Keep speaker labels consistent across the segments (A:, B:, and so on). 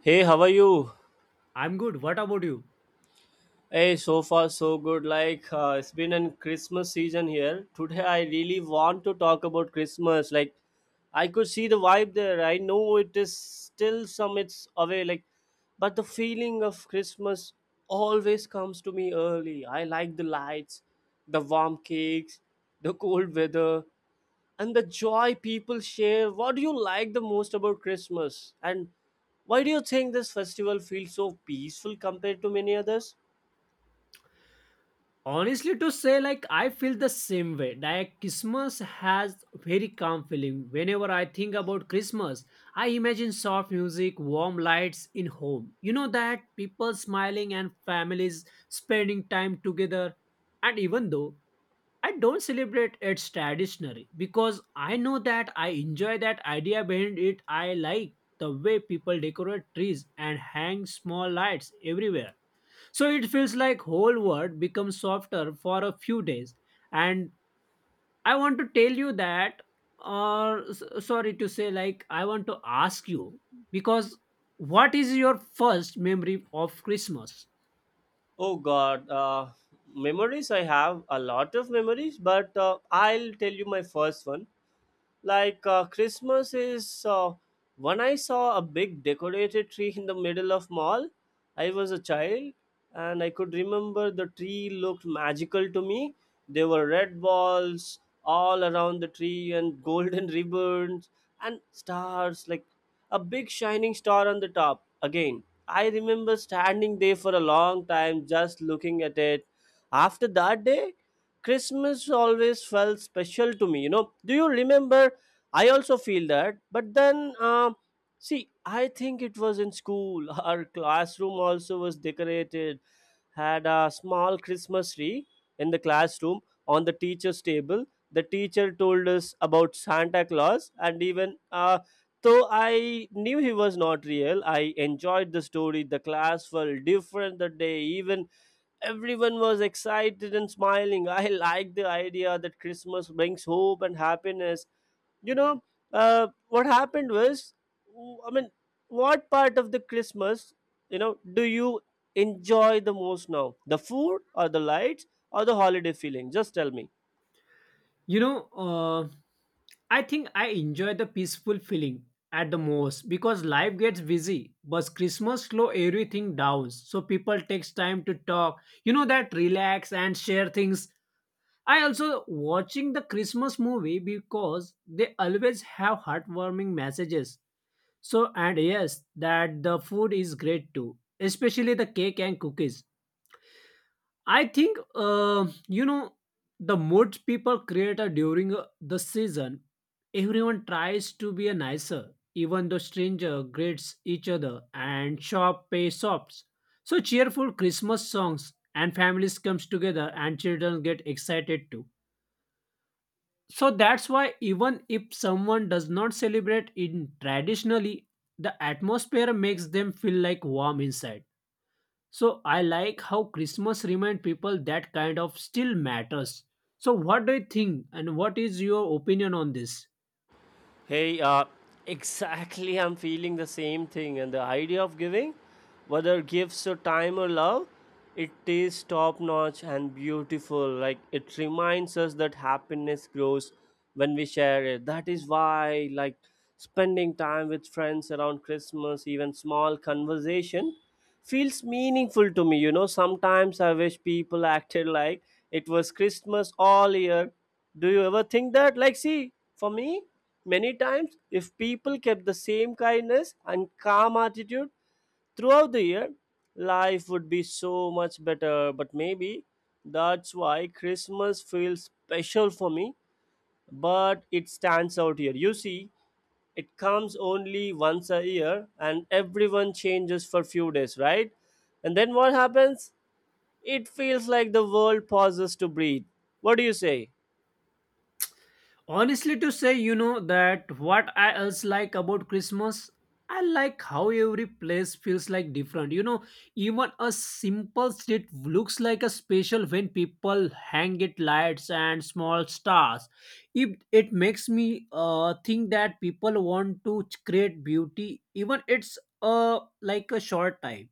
A: Hey, how are you?
B: I'm good. What about you?
A: Hey, so far so good. It's been a Christmas season here. Today I really want to talk about Christmas. Like, I could see the vibe there. I know it is still some it's away. Like, but the feeling of Christmas always comes to me early. I like the lights, the warm cakes, the cold weather, and the joy people share. What do you like the most about Christmas? And why do you think this festival feels so peaceful compared to many others?
B: Honestly, to say, like, I feel the same way. Like, Christmas has very calm feeling. Whenever I think about Christmas, I imagine soft music, warm lights in home. You know that people smiling and families spending time together. And even though I don't celebrate it's traditionally because I know that I enjoy that idea behind it. I like the way people decorate trees and hang small lights everywhere. So it feels like whole world becomes softer for a few days. And I want to tell you that, or sorry to say, like I want to ask you because what is your first memory of Christmas?
A: Oh God, uh, Memories. I have a lot of memories, but I'll tell you my first one. Like Christmas is when I saw a big decorated tree in the middle of mall. I was a child and I could remember the tree looked magical to me. There were red balls all around the tree and golden ribbons and stars, like a big shining star on the top. Again, I remember standing there for a long time just looking at it. After that day, Christmas always felt special to me. You know, do you remember I also feel that, but then, see, I think it was in school. Our classroom also was decorated, had a small Christmas tree in the classroom on the teacher's table. The teacher told us about Santa Claus, and even though I knew he was not real, I enjoyed the story. The class felt different that day, even everyone was excited and smiling. I like the idea that Christmas brings hope and happiness you know what happened was I mean, what part of the Christmas, you know, do you enjoy the most now? The food or the lights or the holiday feeling? Just tell me.
B: You know, uh, I think I enjoy the peaceful feeling at the most because life gets busy, but Christmas slow everything down. So people takes time to talk, you know that relax and share things. I also watching the Christmas movie because they always have heartwarming messages. So and yes, that the food is great too, especially the cake and cookies. I think you know the moods people create are during the season. Everyone tries to be a nicer, even though stranger greets each other and shop pay shops. So cheerful Christmas songs and families comes together and children get excited too. So that's why even if someone does not celebrate in traditionally, the atmosphere makes them feel like warm inside. So I like how Christmas remind people that kind of still matters. So what do you think and what is your opinion on this?
A: Hey, exactly. I'm feeling the same thing, and the idea of giving, whether gifts or time or love, it is top notch and beautiful. Like, it reminds us that happiness grows when we share it. That is why, like, spending time with friends around Christmas, even small conversation, feels meaningful to me. You know, sometimes I wish people acted like it was Christmas all year. Do you ever think that? Like, see, for me. Many times, if people kept the same kindness and calm attitude throughout the year, life would be so much better. But maybe that's why Christmas feels special for me, but it stands out here. You see, it comes only once a year and everyone changes for few days, right? And then what happens? It feels like the world pauses to breathe. What do you say?
B: Honestly, to say, you know, that what I else like about Christmas, I like how every place feels like different. You know, even a simple street looks like a special when people hang it lights and small stars. It makes me think that people want to create beauty, even it's like a short time.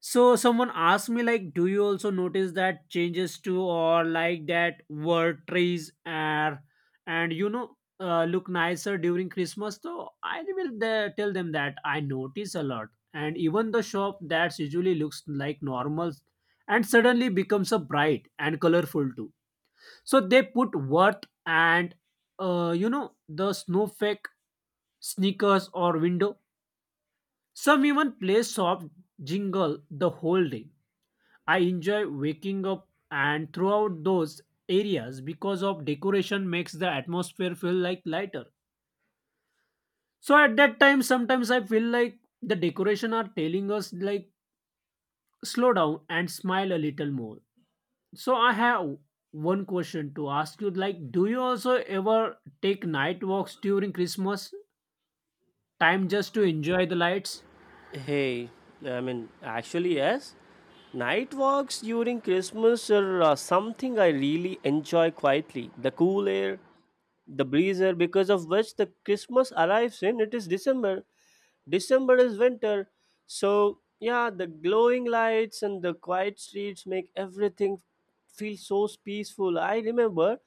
B: So someone asked me like, do you also notice that changes to or like that word trees are and look nicer during Christmas? So I will the, tell them that I notice a lot, and even the shop that usually looks like normal and suddenly becomes a bright and colorful too. So they put worth and the snowflake sneakers or window. Some even play soft jingle the whole day. I enjoy waking up and throughout those areas because of decoration makes the atmosphere feel like lighter. So at that time sometimes I feel like the decoration are telling us like slow down and smile a little more. So I have one question to ask you like do you also ever take night walks during Christmas time just to enjoy the lights?
A: Hey, I mean, actually, yes. Night walks during Christmas are something I really enjoy quietly. The cool air, the breeze air, because of which the Christmas arrives in. It is December. December is winter. So, yeah, the glowing lights and the quiet streets make everything feel so peaceful. I remember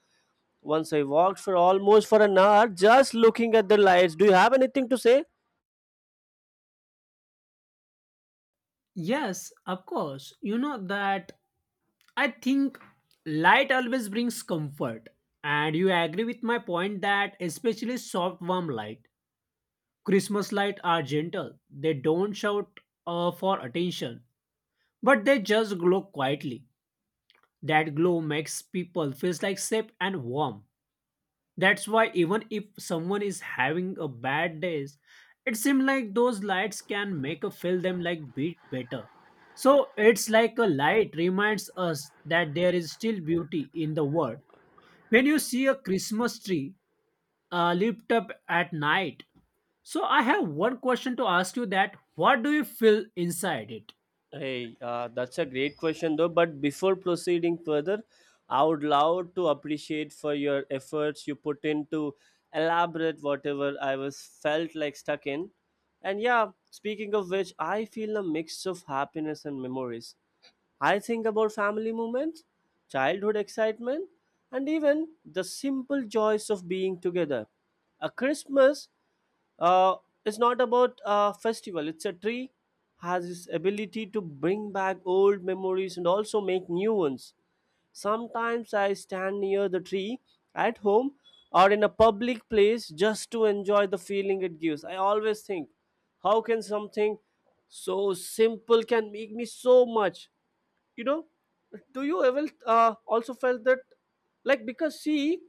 A: once I walked for almost for an hour just looking at the lights. Do you have anything to say?
B: Yes, of course. You know that I think light always brings comfort. And you agree with my point that especially soft, warm light, Christmas light are gentle. They don't shout for attention, but they just glow quietly. That glow makes people feels like safe and warm. That's why even if someone is having a bad days, it seems like those lights can make a feel them like bit better. So it's like a light reminds us that there is still beauty in the world when you see a Christmas tree lit up at night. So I have one question to ask you that what do you feel inside it?
A: Hey, that's a great question though. But before proceeding further, I would love to appreciate for your efforts you put in to elaborate whatever I was felt like stuck in. And yeah, speaking of which, I feel a mix of happiness and memories. I think about family moments, childhood excitement, and even the simple joys of being together. A Christmas uh, it's not about a festival, it's a tree, has this ability to bring back old memories and also make new ones. Sometimes I stand near the tree at home or in a public place just to enjoy the feeling it gives. I always think, how can something so simple can make me so much? You know, do you ever also felt that? Like, because see,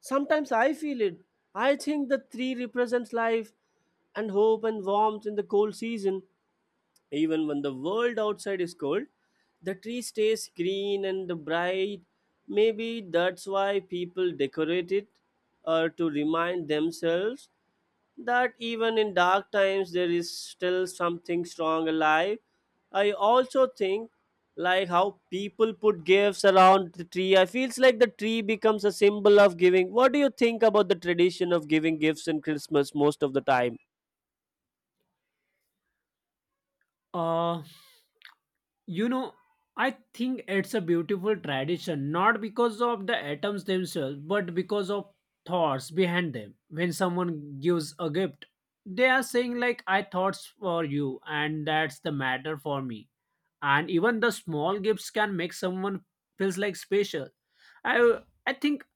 A: sometimes I feel it. I think the tree represents life and hope and warmth in the cold season. Even when the world outside is cold, the tree stays green and bright. Maybe that's why people decorate it, or to remind themselves that even in dark times there is still something strong alive. I also think like how people put gifts around the tree. I feels like the tree becomes a symbol of giving. What do you think about the tradition of giving gifts in Christmas most of the time?
B: uh you know, I think it's a beautiful tradition not because of the atoms themselves but because of thoughts behind them. When someone gives a gift, they are saying like I thoughts for you and that's the matter for me, and even the small gifts can make someone feels like special. I i think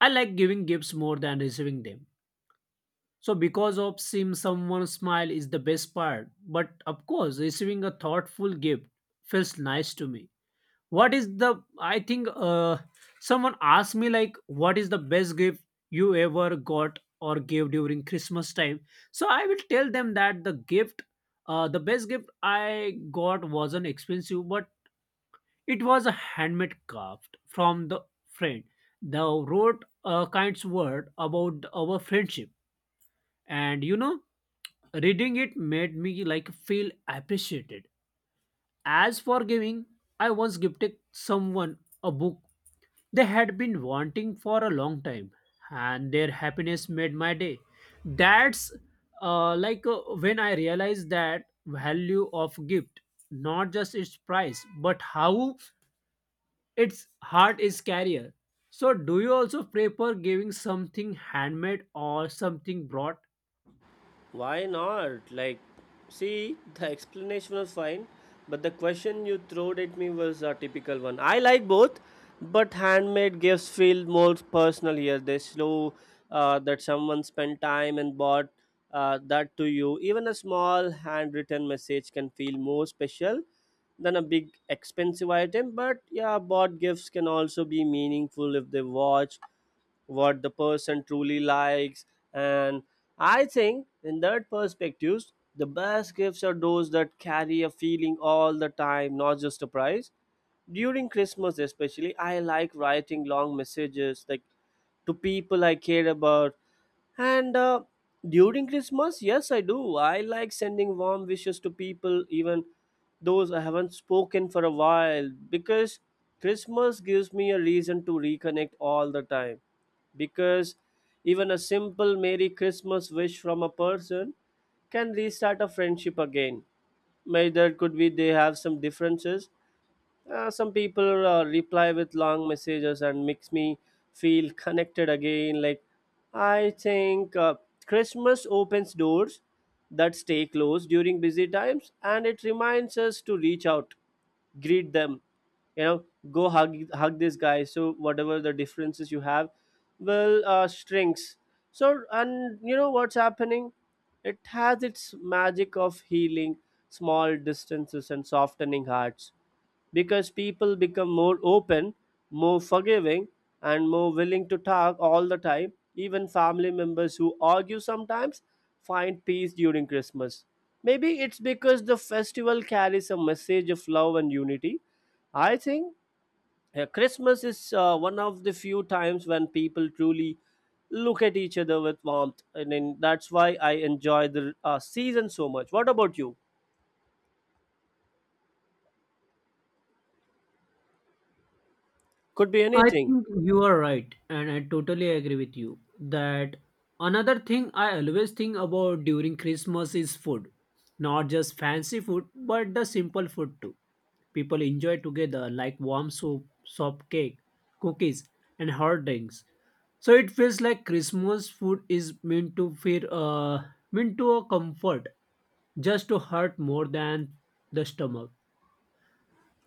B: I like giving gifts more than receiving them, so because of seeing someone smile is the best part but of course receiving a thoughtful gift feels nice to me. What is the I think someone asked me like what is the best gift you ever got or gave during Christmas time? So I will tell them that the gift, the best gift I got wasn't expensive but it was a handmade craft from the friend. They wrote a kind word about our friendship, and you know, reading it made me like feel appreciated. As for giving, I once gifted someone a book they had been wanting for a long time, and their happiness made my day. That's when I realized that value of gift, not just its price, but how its heart is carrier. So, do you also prefer giving something handmade or something brought?
A: Why not? Like, see, the explanation was fine, but the question you threw at me was a typical one. I like both, but handmade gifts feel more personal here. They show that someone spent time and bought that to you. Even a small handwritten message can feel more special than a big expensive item. But yeah, bought gifts can also be meaningful if they watch what the person truly likes, and I think in that perspective the best gifts are those that carry a feeling all the time, not just a price. During Christmas especially, I like writing long messages, like to people I care about, and during Christmas, yes I do. I like sending warm wishes to people, even those I haven't spoken for a while, because Christmas gives me a reason to reconnect all the time. Because even a simple Merry Christmas wish from a person can restart a friendship again. May there could be they have some differences, some people reply with long messages and makes me feel connected again. I think Christmas opens doors that stay closed during busy times, and it reminds us to reach out, greet them, you know, go hug this guy. So whatever the differences you have, will shrinks. So, and you know what's happening? It has its magic of healing small distances and softening hearts, because people become more open, more forgiving, and more willing to talk all the time. Even family members who argue sometimes find peace during Christmas. Maybe it's because the festival carries a message of love and unity. I think Christmas is one of the few times when people truly look at each other with warmth, and then that's why I enjoy the season so much. What about you? Could be
B: I
A: anything.
B: think you are right, and I totally agree with you that another thing I always think about during Christmas is food. Not just fancy food, but the simple food too. People enjoy together, like warm soup, soft cake, cookies, and hot drinks. So it feels like Christmas food is meant to feel meant to a comfort just to hurt more than the stomach.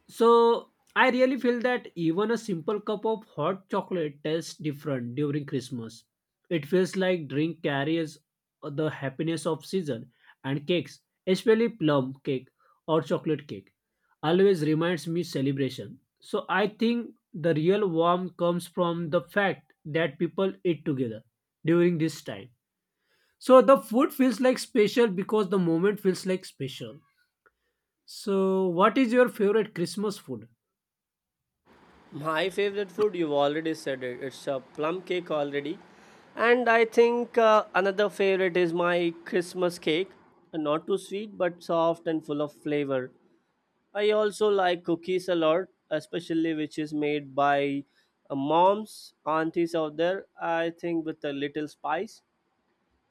B: So I really feel that even a simple cup of hot chocolate tastes different during Christmas. It feels like drink carries the happiness of season and cakes, especially plum cake or chocolate cake, always reminds me celebration. So I think the real warmth comes from the fact that people eat together during this time. So the food feels like special because the moment feels like special. So, what is your favorite Christmas food?
A: My favorite food, you've already said it. It's a plum cake already. And I think another favorite is my Christmas cake. Not too sweet, but soft and full of flavor. I also like cookies a lot, especially which is made by moms, aunties out there. I think with a little spice.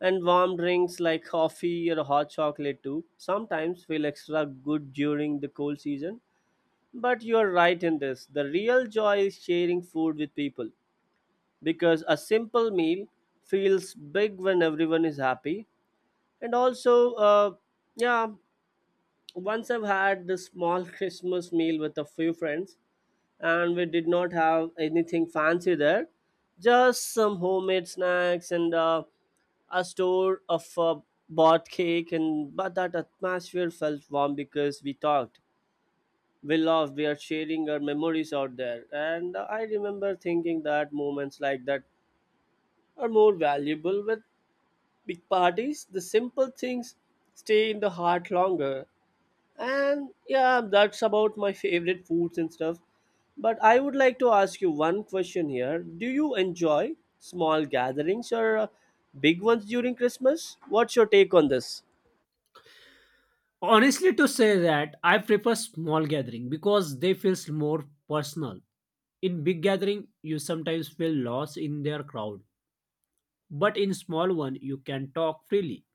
A: And warm drinks like coffee or hot chocolate too sometimes feel extra good during the cold season. But you're right in this. The real joy is sharing food with people, because a simple meal feels big when everyone is happy. And also, yeah, once I've had this small Christmas meal with a few friends, and we did not have anything fancy there, just some homemade snacks, and a store of bought cake. And but that atmosphere felt warm because we talked, we love, we are sharing our memories out there. And I remember thinking that moments like that are more valuable with big parties. The simple things stay in the heart longer. And yeah, that's about my favorite foods and stuff. But I would like to ask you one question here. Do you enjoy small gatherings or big ones during Christmas? What's your take on this?
B: Honestly, to say that, I prefer small gathering because they feels more personal. In big gathering, you sometimes feel lost in their crowd, but in small one, you can talk freely.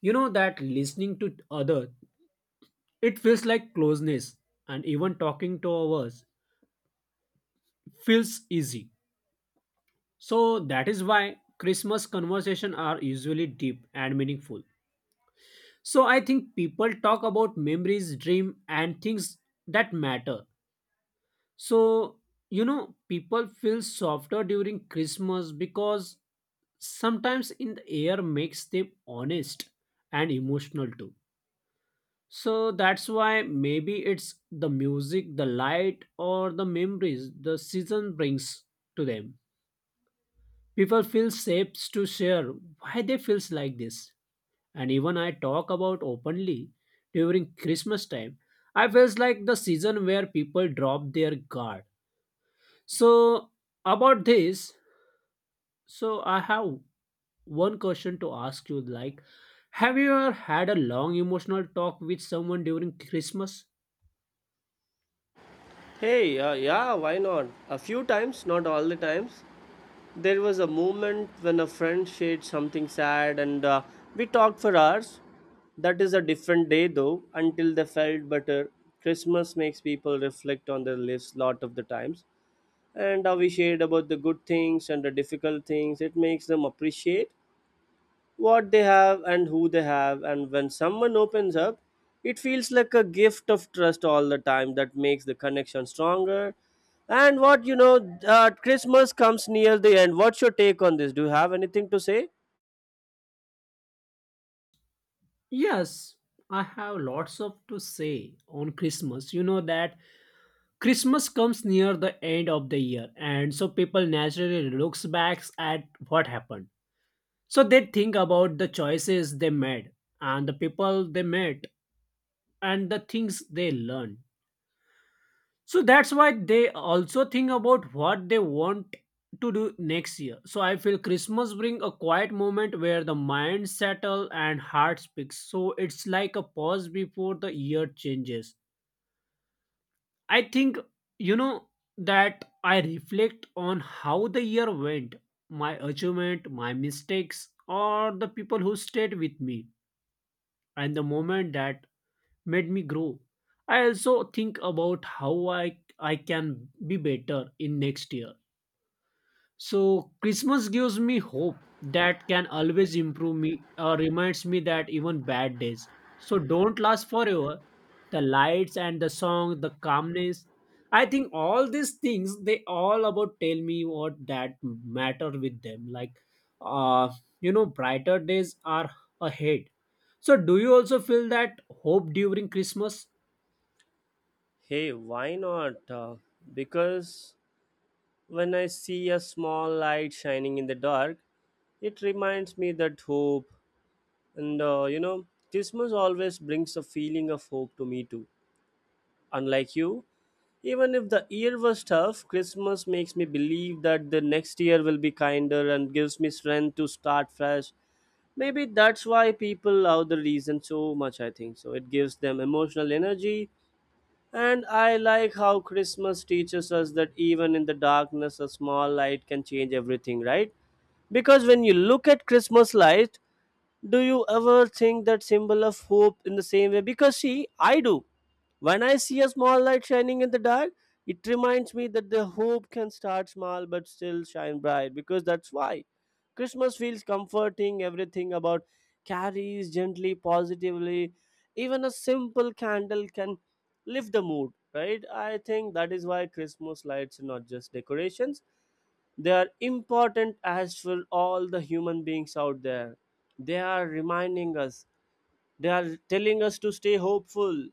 B: You know that listening to other, it feels like closeness, and even talking to others feels easy. So that is why Christmas conversation are usually deep and meaningful. So I think people talk about memories, dream, and things that matter. So you know, people feel softer during Christmas because sometimes in the air makes them honest and emotional too. So that's why maybe it's the music, the light, or the memories the season brings to them. People feel safe to share why they feels like this, and even I talk about openly during Christmas time. I feels like the season where people drop their guard. So about this, so I have one question to ask you like have you ever had a long emotional talk with someone during Christmas?
A: Hey, yeah, why not? A few times, not all the times. There was a moment when a friend shared something sad and we talked for hours. That is a different day though, until they felt better. Christmas makes people reflect on their lives lot of the times. And we shared about the good things and the difficult things. It makes them appreciate what they have and who they have. And when someone opens up, it feels like a gift of trust all the time that makes the connection stronger. And what, you know, Christmas comes near the end. What's your take on this? Do you have anything to say?
B: Yes, I have lots of to say on Christmas. You know that Christmas comes near the end of the year and so people naturally looks back at what happened. So they think about the choices they made and the people they met and the things they learned. So that's why they also think about what they want to do next year. So I feel Christmas bring a quiet moment where the mind settle and heart speaks. So it's like a pause before the year changes. I think you know that I reflect on how the year went, my achievement, my mistakes or the people who stayed with me and the moment that made me grow. I also think about how I can be better in next year. So Christmas gives me hope that can always improve me or reminds me that even bad days so don't last forever. The lights and the song, the calmness. I think all these things they all about tell me what that matter with them. Like uh you know brighter days are ahead. So do you also feel that hope during Christmas?
A: Hey, why not? Because when I see a small light shining in the dark, it reminds me that hope, and you know, Christmas always brings a feeling of hope to me too, unlike you. Even if the year was tough, Christmas makes me believe that the next year will be kinder and gives me strength to start fresh. Maybe that's why people love the reason so much, I think. So it gives them emotional energy. And I like how Christmas teaches us that even in the darkness, a small light can change everything, right? Because when you look at Christmas light, do you ever think that symbol of hope in the same way? Because see, I do. When I see a small light shining in the dark, it reminds me that the hope can start small but still shine bright, because that's why Christmas feels comforting. Everything about carries gently, positively. Even a simple candle can lift the mood, right? I think that is why Christmas lights are not just decorations, they are important as for all the human beings out there. They are reminding us, they are telling us to stay hopeful.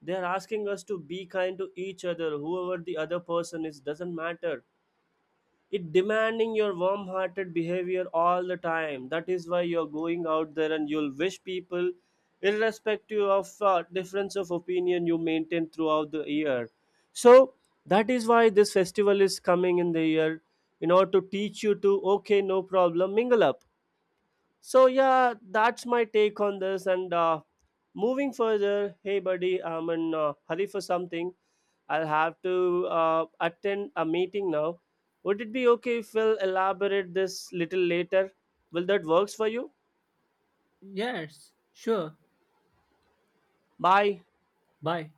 A: They are asking us to be kind to each other, whoever the other person is, doesn't matter. It demanding your warm hearted behavior all the time. That is why you're going out there and you'll wish people, irrespective of difference of opinion you maintain throughout the year. So that is why this festival is coming in the year in order to teach you to, okay, no problem, mingle up. So yeah, that's my take on this. And moving further, hey buddy, I'm in hurry for something. I'll have to attend a meeting now. Would it be okay if we'll elaborate this little later? Will that works for you?
B: Yes, sure.
A: Bye.
B: Bye.